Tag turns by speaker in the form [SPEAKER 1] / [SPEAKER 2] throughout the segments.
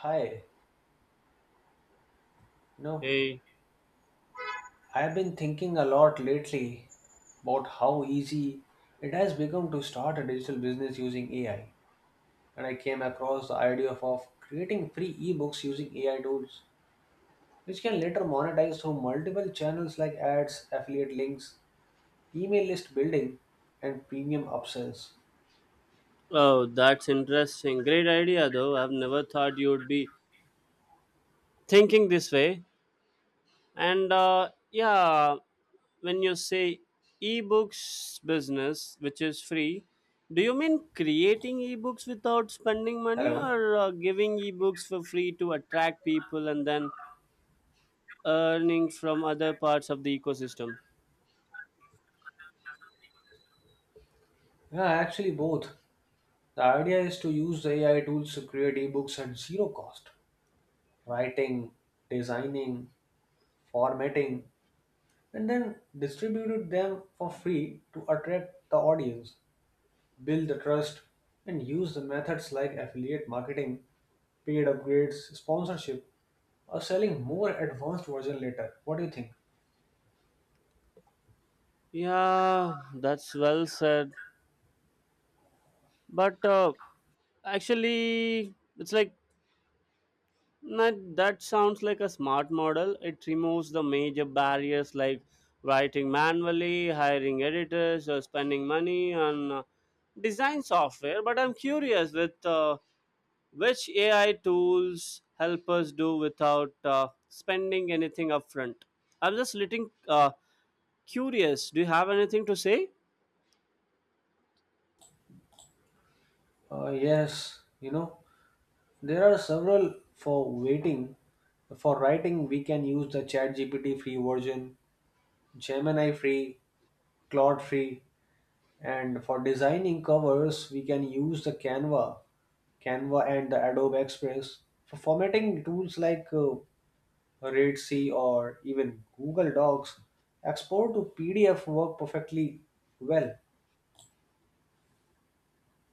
[SPEAKER 1] Hi, you know,
[SPEAKER 2] Hey.
[SPEAKER 1] I've been thinking a lot lately about how easy it has become to start a digital business using AI. And I came across the idea of creating free ebooks using AI tools, which can later monetize through multiple channels like ads, affiliate links, email list building, and premium upsells.
[SPEAKER 2] Oh, that's interesting. Great idea, though. I've never thought you'd be thinking this way. And yeah, when you say ebooks business, which is free, do you mean creating ebooks without spending money
[SPEAKER 1] Hello?
[SPEAKER 2] or giving ebooks for free to attract people and then earning from other parts of the ecosystem?
[SPEAKER 1] Yeah, actually, both. The idea is to use the AI tools to create ebooks at zero cost, writing, designing, formatting and then distributed them for free to attract the audience, build the trust, and use the methods like affiliate marketing, paid upgrades, sponsorship, or selling more advanced version later. What do you think?
[SPEAKER 2] Yeah, that's well said. But actually, it's like that sounds like a smart model. It removes the major barriers like writing manually, hiring editors, or spending money on design software. But I'm curious with which AI tools help us do without spending anything upfront. I'm just little curious. Do you have anything to say?
[SPEAKER 1] Yes, there are several for waiting. For writing, we can use the ChatGPT free version, Gemini free, Claude free, and for designing covers, we can use the Canva and the Adobe Express. For formatting tools like Redsy or even Google Docs, export to PDF work perfectly well.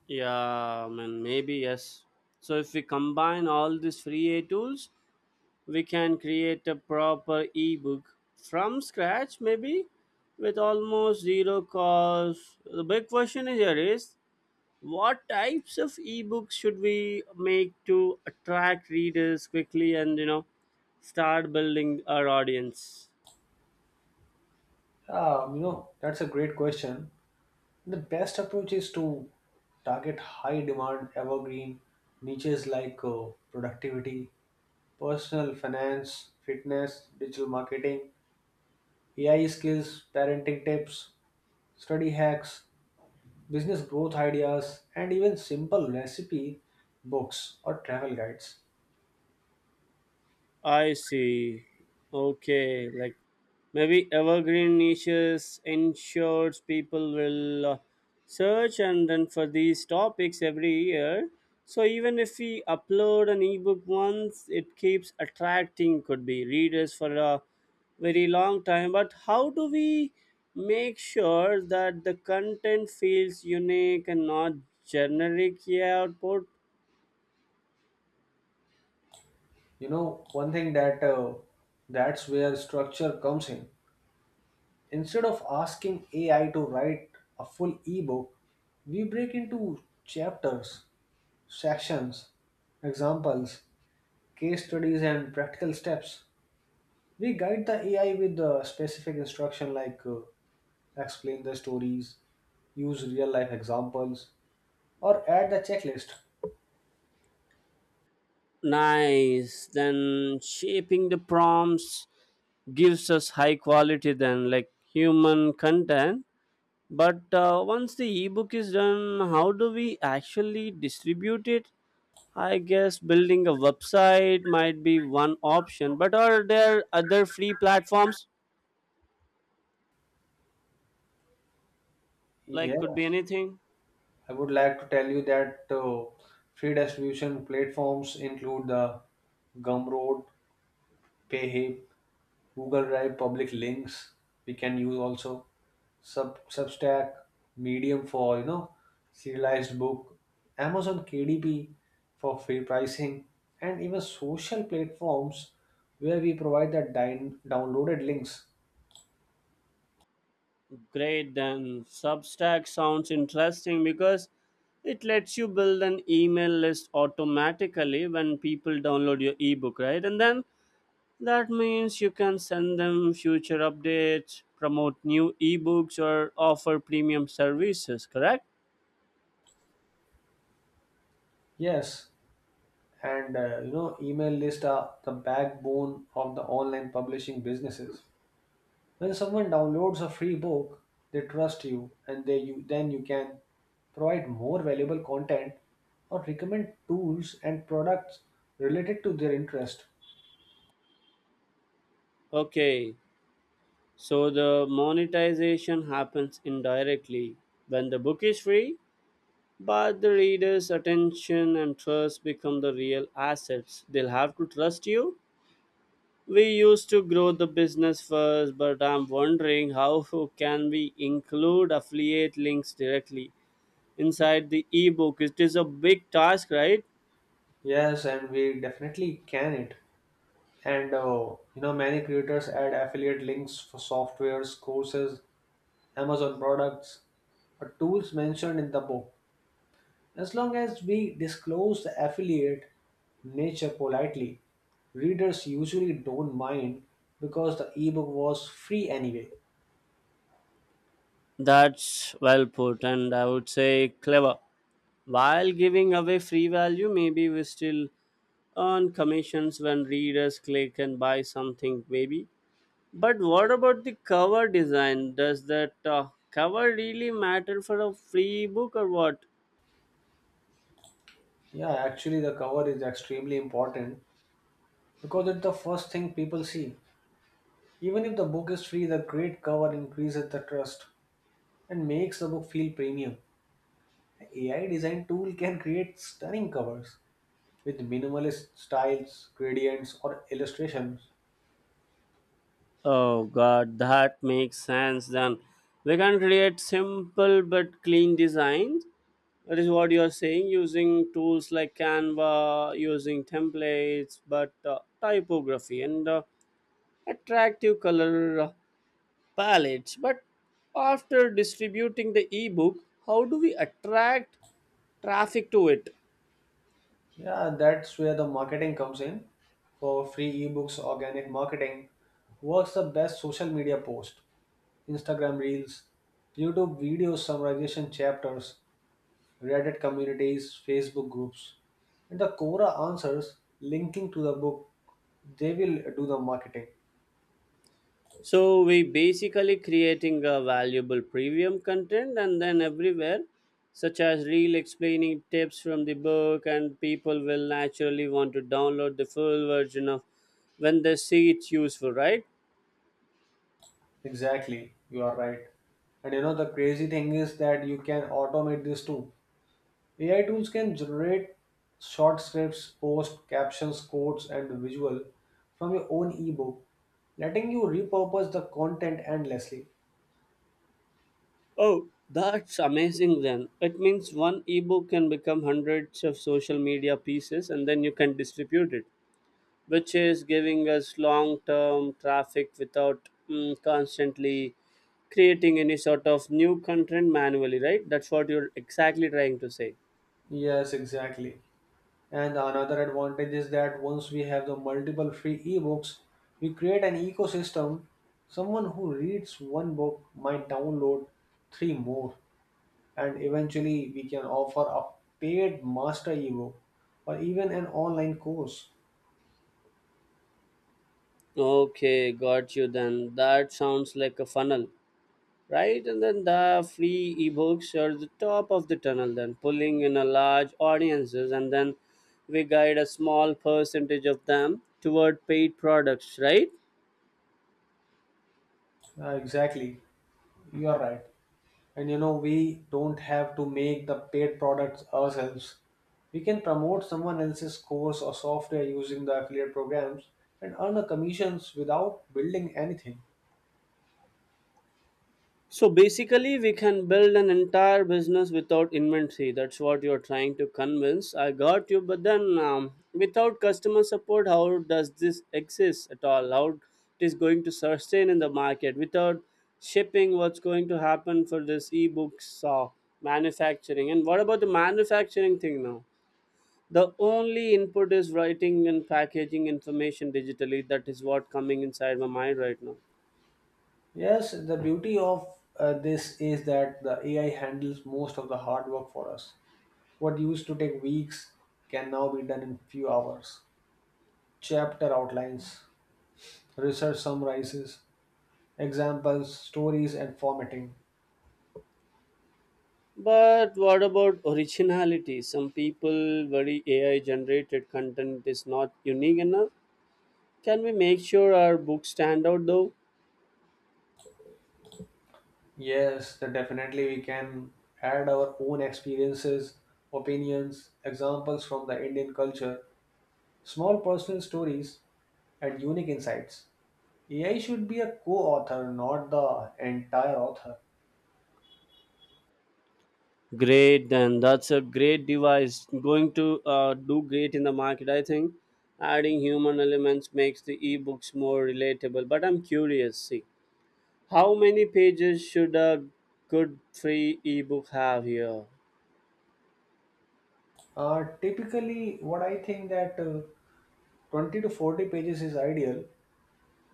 [SPEAKER 2] Yeah, I mean, maybe yes. So if we combine all these free AI tools, we can create a proper ebook from scratch, maybe with almost zero cost. The big question is here is what types of ebooks should we make to attract readers quickly and start building our audience.
[SPEAKER 1] That's a great question. The best approach is to target high demand evergreen niches like productivity, personal finance, fitness, digital marketing, AI skills, parenting tips, study hacks, business growth ideas, and even simple recipe books or travel guides.
[SPEAKER 2] I see. Okay, like maybe evergreen niches ensures people will search and then for these topics every year. So even if we upload an ebook once, it keeps attracting could be readers for a very long time. But how do we make sure that the content feels unique and not generic? Yeah, output.
[SPEAKER 1] You know, one thing that That's where structure comes in. Instead of asking AI to write a full ebook, we break into chapters, sections, examples, case studies, and practical steps. We guide the AI with the specific instruction like explain the stories, use real life examples, or add the checklist.
[SPEAKER 2] Nice. Then shaping the prompts gives us high quality then like human content. But once the ebook is done, how do we actually distribute it? I guess building a website might be one option, but are there other free platforms? Like could be
[SPEAKER 1] Yes,
[SPEAKER 2] anything.
[SPEAKER 1] I would like to tell you that free distribution platforms include the Gumroad, PayHip, Google Drive, public links we can use also Substack, Medium for serialized book, Amazon KDP for free pricing, and even social platforms where we provide the downloaded links.
[SPEAKER 2] Great, then Substack sounds interesting because it lets you build an email list automatically when people download your ebook, right? And then that means you can send them future updates, promote new ebooks, or offer premium services, correct?
[SPEAKER 1] Yes, and email lists are the backbone of the online publishing businesses. When someone downloads a free book, they trust you and they you then you can provide more valuable content or recommend tools and products related to their interest.
[SPEAKER 2] Okay, so the monetization happens indirectly when the book is free, but the reader's attention and trust become the real assets. They'll have to trust you. We used to grow the business first, but I'm wondering how can we include affiliate links directly inside the ebook? It is a big task, right?
[SPEAKER 1] Yes, and we definitely can it. And many creators add affiliate links for softwares, courses, Amazon products, or tools mentioned in the book. As long as we disclose the affiliate nature politely, readers usually don't mind because the ebook was free anyway.
[SPEAKER 2] That's well put, and I would say clever. While giving away free value, maybe we still earn commissions when readers click and buy something, maybe. But what about the cover design? Does that cover really matter for a free book or what?
[SPEAKER 1] Yeah, actually, the cover is extremely important because it's the first thing people see. Even if the book is free, the great cover increases the trust and makes the book feel premium. AI design tool can create stunning covers with minimalist styles, gradients, or illustrations.
[SPEAKER 2] Oh god, that makes sense then. We can create simple but clean designs. That is what you are saying, using tools like Canva, using templates, but typography and attractive color palettes. But after distributing the ebook, how do we attract traffic to it?
[SPEAKER 1] Yeah, that's where the marketing comes in. For free ebooks, organic marketing works the best social media post, Instagram reels, YouTube videos, summarization chapters, Reddit communities, Facebook groups. And the Cora answers linking to the book, they will do the marketing.
[SPEAKER 2] So we basically creating a valuable premium content and then everywhere, such as real explaining tips from the book, and people will naturally want to download the full version of when they see it's useful, right?
[SPEAKER 1] Exactly, you are right. And the crazy thing is that you can automate this too. AI tools can generate short scripts, post captions, quotes, and visual from your own ebook, letting you repurpose the content endlessly.
[SPEAKER 2] Oh, that's amazing then. It means one ebook can become hundreds of social media pieces and then you can distribute it, which is giving us long term traffic without constantly creating any sort of new content manually, right? That's what you're exactly trying to say.
[SPEAKER 1] Yes, exactly. And another advantage is that once we have the multiple free ebooks, we create an ecosystem. Someone who reads one book might download three more, and eventually we can offer a paid master ebook or even an online course.
[SPEAKER 2] Okay, got you then. That sounds like a funnel, right? And then the free ebooks are the top of the tunnel, then pulling in a large audiences, and then we guide a small percentage of them toward paid products, right?
[SPEAKER 1] Exactly, you are right. And we don't have to make the paid products ourselves. We can promote someone else's course or software using the affiliate programs and earn the commissions without building anything.
[SPEAKER 2] So basically, we can build an entire business without inventory. That's what you're trying to convince. I got you, but then without customer support, how does this exist at all? How it is going to sustain in the market without shipping? What's going to happen for this ebooks manufacturing? And what about the manufacturing thing now? The only input is writing and packaging information digitally. That is what coming inside my mind right now.
[SPEAKER 1] Yes, the beauty of this is that the AI handles most of the hard work for us. What used to take weeks can now be done in few hours. Chapter outlines, research summarizes, examples, stories and formatting.
[SPEAKER 2] But what about originality? Some people worry AI generated content is not unique enough. Can we make sure our books stand out though?
[SPEAKER 1] Yes, that definitely we can add our own experiences, opinions, examples from the Indian culture, small personal stories, and unique insights. AI should be a co-author, not the entire author.
[SPEAKER 2] Great, then that's a great device. Going to do great in the market, I think. Adding human elements makes the ebooks more relatable. But I'm curious, see, how many pages should a good free ebook have here?
[SPEAKER 1] Typically, what I think that 20 to 40 pages is ideal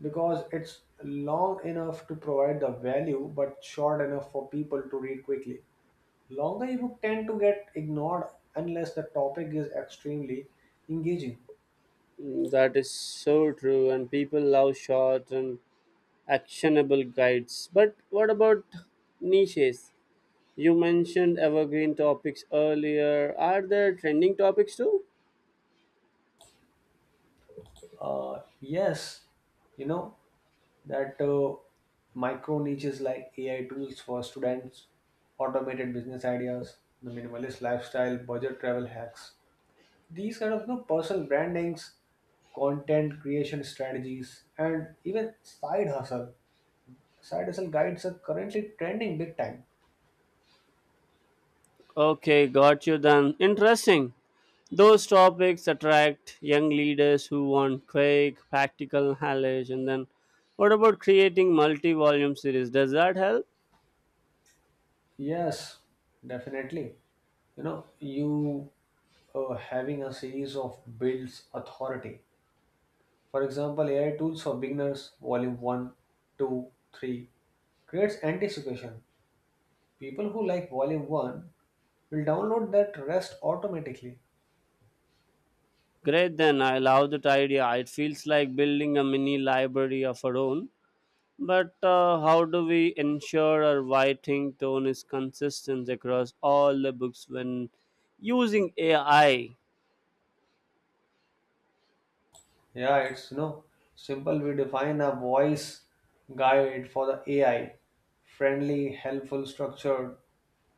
[SPEAKER 1] because it's long enough to provide the value but short enough for people to read quickly. Longer ebook tend to get ignored unless the topic is extremely engaging.
[SPEAKER 2] Mm, that is so true, and people love short and actionable guides. But what about niches? You mentioned evergreen topics earlier. Are there trending topics too?
[SPEAKER 1] Yes, you know that Micro niches like AI tools for students, automated business ideas, the minimalist lifestyle, budget travel hacks. These kind of personal brandings, content creation strategies, and even side hustle. Side hustle guides are currently trending big time.
[SPEAKER 2] Okay, got you then. Interesting. Those topics attract young leaders who want quick, practical knowledge. And then, what about creating multi volume series? Does that help?
[SPEAKER 1] Yes, definitely. You know, you Having a series of builds authority. For example, AI tools for beginners, volume one, 2, 3 creates anticipation. People who like volume 1 will download that rest automatically.
[SPEAKER 2] Great, then I love that idea. It feels like building a mini library of our own. But how do we ensure our writing tone is consistent across all the books when using AI?
[SPEAKER 1] Yeah, it's you know Simple. We define a voice guide for the AI, friendly, helpful, structured,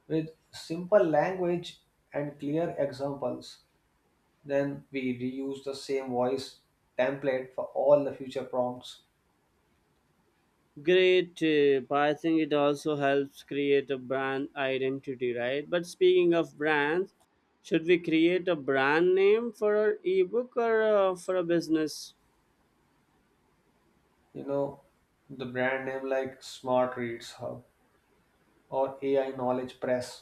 [SPEAKER 1] with simple language and clear examples. Then we reuse the same voice template for all the future prompts.
[SPEAKER 2] Great tip. I think it also helps create a brand identity, right? But speaking of brands, should we create a brand name for our ebook or for a business?
[SPEAKER 1] you know the brand name like smart reads hub or AI knowledge press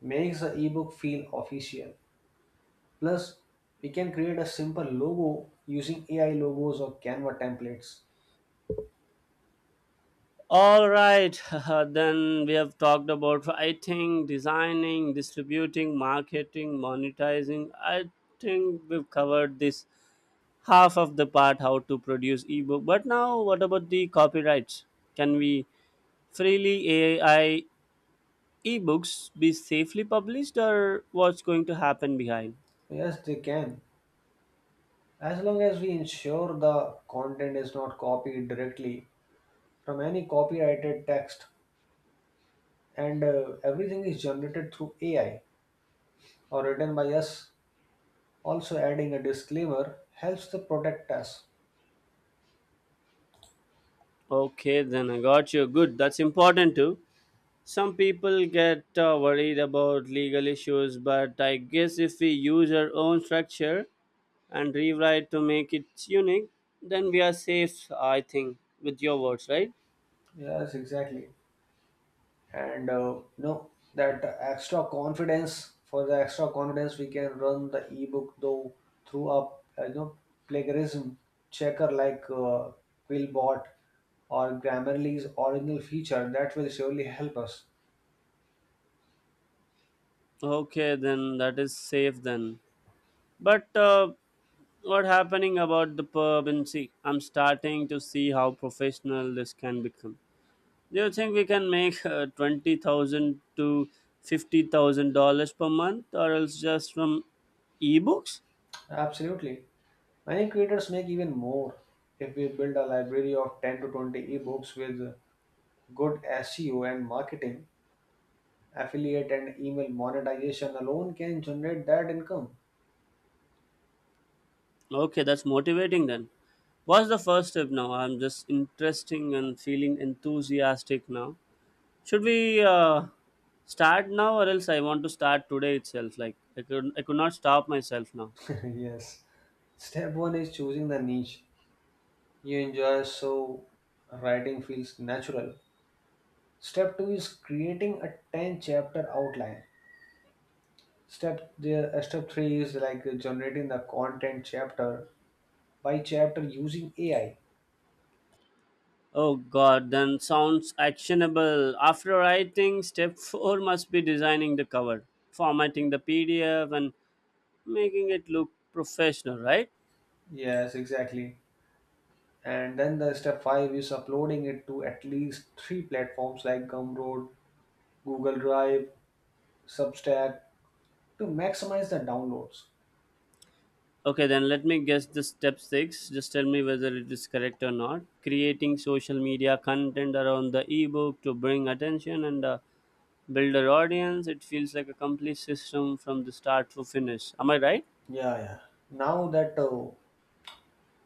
[SPEAKER 1] makes the ebook feel official. Plus we can create a simple logo using AI logos or Canva templates.
[SPEAKER 2] All right, then we have talked about writing, designing, distributing, marketing, monetizing. I think we've covered this half of the part how to produce ebook, but now what about the copyrights? Can we freely AI ebooks be safely published or what's going to happen behind?
[SPEAKER 1] Yes, they can, as long as we ensure the content is not copied directly from any copyrighted text, and everything is generated through AI or written by us. Also adding a disclaimer helps to protect us.
[SPEAKER 2] Okay, then I got you. Good, that's important too. Some people get worried about legal issues, but I guess if we use our own structure and rewrite to make it unique, then we are safe, I think, with your words, right?
[SPEAKER 1] Yes, exactly. And you know that extra confidence. For the extra confidence we can run the ebook though through a you know plagiarism checker like Quillbot or Grammarly's original feature. That will surely help us.
[SPEAKER 2] Okay, then that is safe then. But what happening about the permanency? I'm starting to see how professional this can become. Do you think we can make twenty thousand to fifty thousand dollars per month, or else just from ebooks?
[SPEAKER 1] Absolutely, many creators make even more. If we build a library of 10 to 20 ebooks with good SEO and marketing, affiliate and email monetization alone can generate that income.
[SPEAKER 2] Okay, that's motivating then. What's the first step now? I'm just interesting and feeling enthusiastic now. Should we start now, or else I want to start today itself? Like I could not stop myself now.
[SPEAKER 1] Yes. Step one is choosing the niche you enjoy so writing feels natural. Step two is creating a 10 chapter outline. Step three is like generating the content chapter by chapter using AI.
[SPEAKER 2] Oh god, then sounds actionable. After writing, step 4 must be designing the cover, formatting the PDF, and making it look professional, right?
[SPEAKER 1] Yes, exactly. And then the step five is uploading it to at least three platforms like Gumroad, Google Drive, Substack to maximize the downloads.
[SPEAKER 2] Okay, then let me guess the step 6. Just tell me whether it is correct or not. Creating social media content around the ebook to bring attention and build an audience. It feels like a complete system from the start to finish. Am I right?
[SPEAKER 1] Yeah, yeah. Now that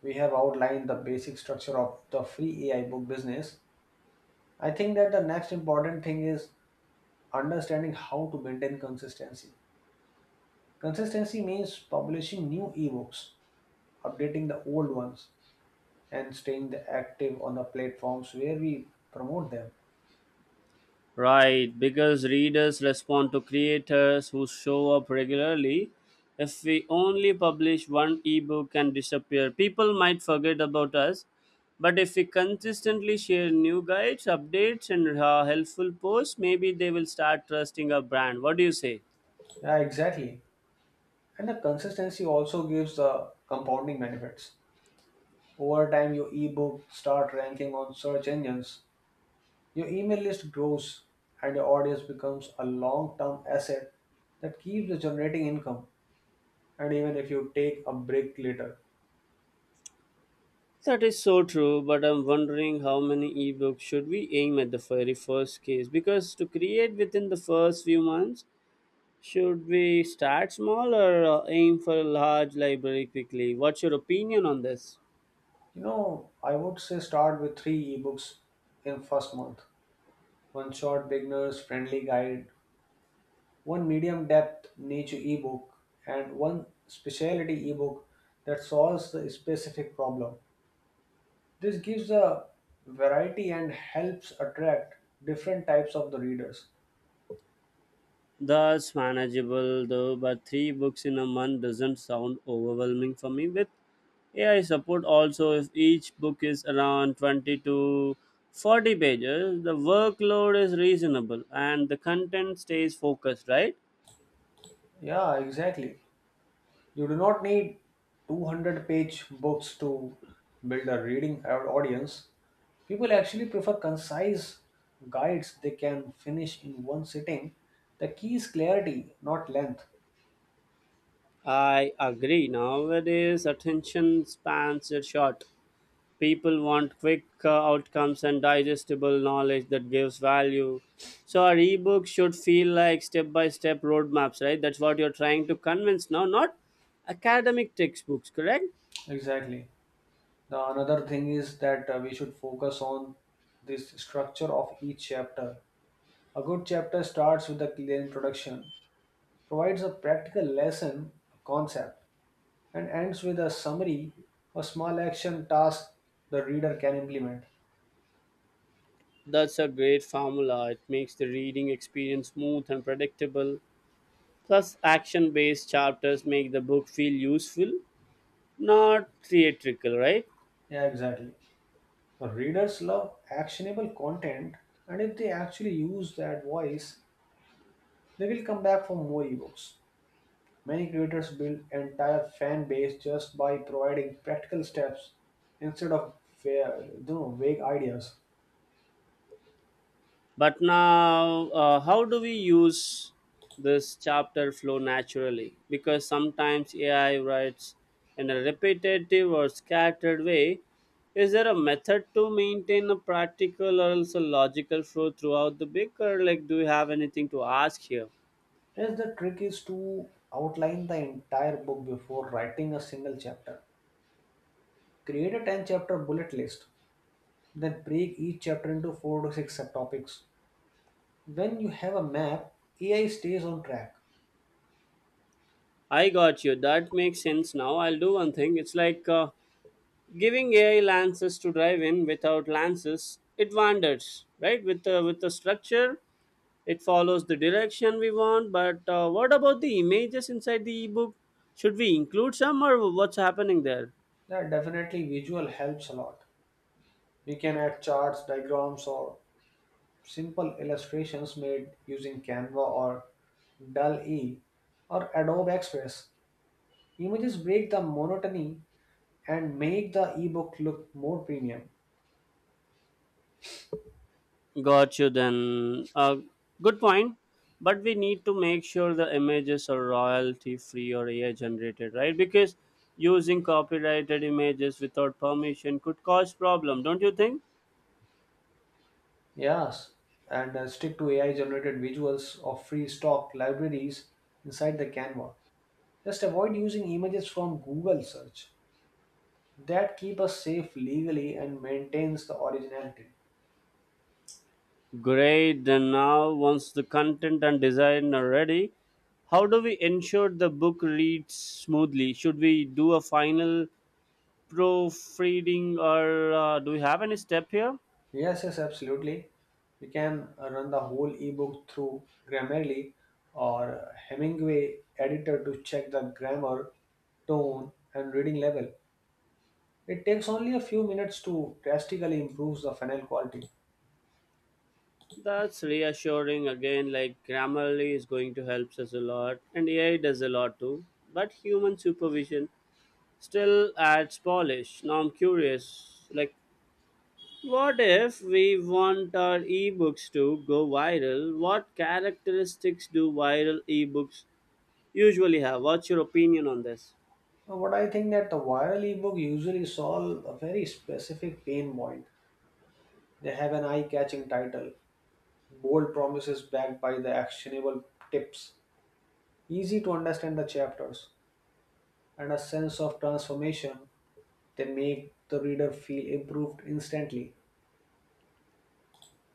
[SPEAKER 1] we have outlined the basic structure of the free AI book business, I think that the next important thing is understanding how to maintain consistency. Consistency means publishing new ebooks, updating the old ones, and staying the active on the platforms where we promote them.
[SPEAKER 2] Right, because readers respond to creators who show up regularly. If we only publish one ebook and disappear, people might forget about us. But if we consistently share new guides, updates, and helpful posts, maybe they will start trusting our brand. What do you say?
[SPEAKER 1] Yeah, exactly. And the consistency also gives the compounding benefits. Over time, your ebook start ranking on search engines. Your email list grows and your audience becomes a long term asset that keeps generating income. And even if you take a break later,
[SPEAKER 2] That is so true, but I'm wondering how many ebooks should we aim at the very first case? Because to create within the first few months, should we start small or aim for a large library quickly? What's your opinion on this?
[SPEAKER 1] I would say start with three ebooks in first month, one short beginners friendly guide, one medium depth niche ebook, and one specialty ebook that solves the specific problem. This gives a variety and helps attract different types of the readers.
[SPEAKER 2] That's manageable though, but three books in a month doesn't sound overwhelming for me. With AI support, also, if each book is around 20 to 40 pages, the workload is reasonable and the content stays focused, right?
[SPEAKER 1] Yeah, exactly. You do not need 200-page books to build a reading audience. People actually prefer concise guides they can finish in one sitting. The key is clarity, not length.
[SPEAKER 2] I agree. Nowadays, attention spans are short. People want quick outcomes and digestible knowledge that gives value, so our ebook should feel like step by step roadmaps, right? That's what you're trying to convince now, not academic textbooks, correct?
[SPEAKER 1] Exactly. The another thing is that we should focus on this structure of each chapter. A good chapter starts with a clear introduction, provides a practical lesson, concept, and ends with a summary or small action task the reader can implement.
[SPEAKER 2] That's a great formula. It makes the reading experience smooth and predictable. Plus action based chapters make the book feel useful, not theatrical, right?
[SPEAKER 1] Yeah, exactly. Now, readers love actionable content, and if they actually use that voice, they will come back for more ebooks. Many creators build entire fan base just by providing practical steps instead of fair, vague ideas.
[SPEAKER 2] But now, how do we use this chapter flow naturally? Because sometimes AI writes in a repetitive or scattered way. Is there a method to maintain a practical or also logical flow throughout the book, or like do you have anything to ask here?
[SPEAKER 1] Yes, the trick is to outline the entire book before writing a single chapter. Create a 10 chapter bullet list, then break each chapter into 4 to 6 subtopics. When you have a map, AI stays on track.
[SPEAKER 2] I got you. That makes sense now. I'll do one thing. It's like giving AI lances to drive in. Without lances, it wanders, right? With a structure it follows the direction we want, but what about the images inside the ebook? Should we include some or what's happening there?
[SPEAKER 1] Yeah, definitely visual helps a lot. We can add charts, diagrams, or simple illustrations made using Canva or DALL-E or Adobe Express. Images break the monotony and make the ebook look more premium.
[SPEAKER 2] Got you then. Good point. But we need to make sure the images are royalty free or AI generated, right? Because using copyrighted images without permission could cause problem, don't you think?
[SPEAKER 1] Yes, and stick to AI-generated visuals of free stock libraries inside the Canva. Just avoid using images from Google search. That keep us safe legally and maintains the originality.
[SPEAKER 2] Great. Then now, once the content and design are ready, how do we ensure the book reads smoothly? Should we do a final proofreading or do we have any step here?
[SPEAKER 1] Yes, yes, absolutely. We can run the whole ebook through Grammarly or Hemingway editor to check the grammar, tone, and reading level. It takes only a few minutes to drastically improve the final quality.
[SPEAKER 2] That's reassuring again. Like Grammarly is going to help us a lot and AI does a lot too, but human supervision still adds polish. Now I'm curious, like, what if we want our ebooks to go viral? What characteristics do viral ebooks usually have? What's your opinion on this?
[SPEAKER 1] What I think that the viral ebook usually solve a very specific pain point. They have an eye-catching title, bold promises backed by the actionable tips, easy to understand the chapters, and a sense of transformation. They make the reader feel improved instantly.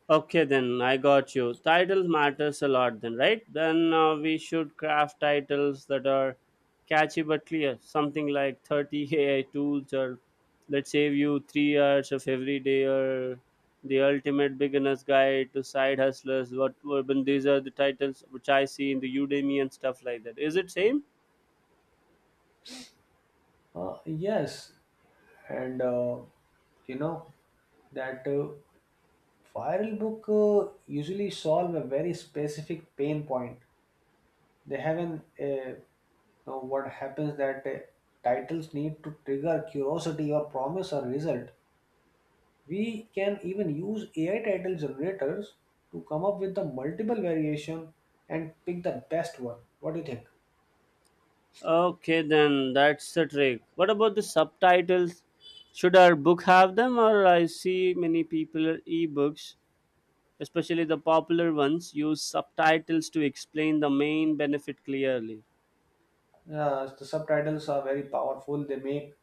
[SPEAKER 2] Okay, then I got you. Titles matters a lot, then, right? Then we should craft titles that are catchy but clear. Something like 30 AI tools or let's save you 3 hours of every day or the ultimate beginner's guide to side hustlers. What urban? These are the titles which I see in the Udemy and stuff like that. Is it same?
[SPEAKER 1] Yes, and you know that viral book usually solve a very specific pain point. They haven't. You know what happens that Titles need to trigger curiosity or promise a result. We can even use AI title generators to come up with the multiple variation and pick the best one. What do you think?
[SPEAKER 2] Okay, then that's the trick. What about the subtitles? Should our book have them, or I see many people are ebooks? Especially the popular ones use subtitles to explain the main benefit clearly.
[SPEAKER 1] Yeah, the subtitles are very powerful. They make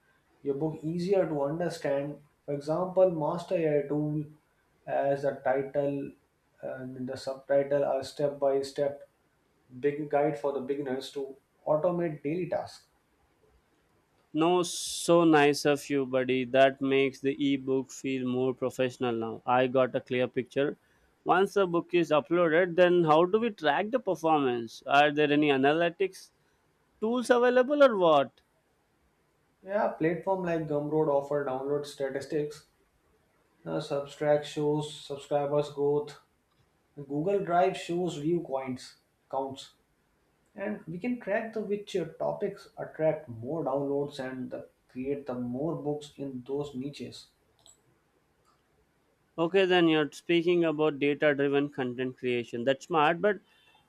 [SPEAKER 1] your book easier to understand. For example, Master AI Tool, as the title and the subtitle are step by step big guide for the beginners to automate daily tasks.
[SPEAKER 2] No, so nice of you, buddy. That makes the ebook feel more professional now. I got a clear picture. Once the book is uploaded, then how do we track the performance? Are there any analytics tools available or what?
[SPEAKER 1] Yeah, platform like Gumroad offer download statistics. Now, Substract shows subscribers growth. Google Drive shows view coins counts. And we can track the which topics attract more downloads and create the more books in those niches.
[SPEAKER 2] Okay, then you're speaking about data driven content creation. That's smart, but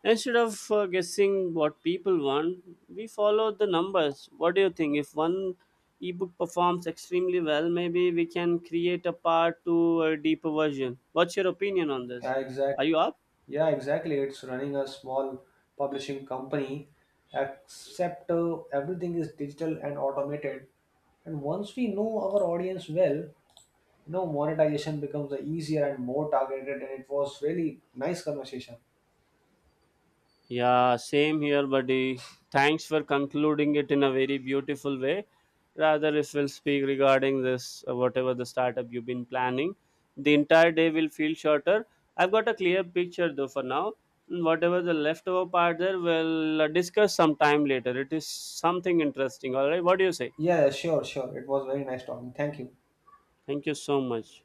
[SPEAKER 2] instead of guessing what people want, we follow the numbers. What do you think? If one ebook performs extremely well, maybe we can create a part to a deeper version. What's your opinion on this?
[SPEAKER 1] Yeah,
[SPEAKER 2] Are
[SPEAKER 1] exactly.
[SPEAKER 2] you up?
[SPEAKER 1] Yeah, exactly, it's running a small publishing company except everything is digital and automated. And once we know our audience well, monetization becomes the easier and more targeted. And it was really nice conversation.
[SPEAKER 2] Yeah, same here, buddy. Thanks for concluding it in a very beautiful way. Rather, if we'll speak regarding this, whatever the startup you've been planning, the entire day will feel shorter. I've got a clear picture though for now. Mm, whatever the leftover part there, we'll discuss sometime later. It is something interesting, all right? What do you say?
[SPEAKER 1] Yeah, sure. It was very nice talking. Thank you.
[SPEAKER 2] Thank you so much.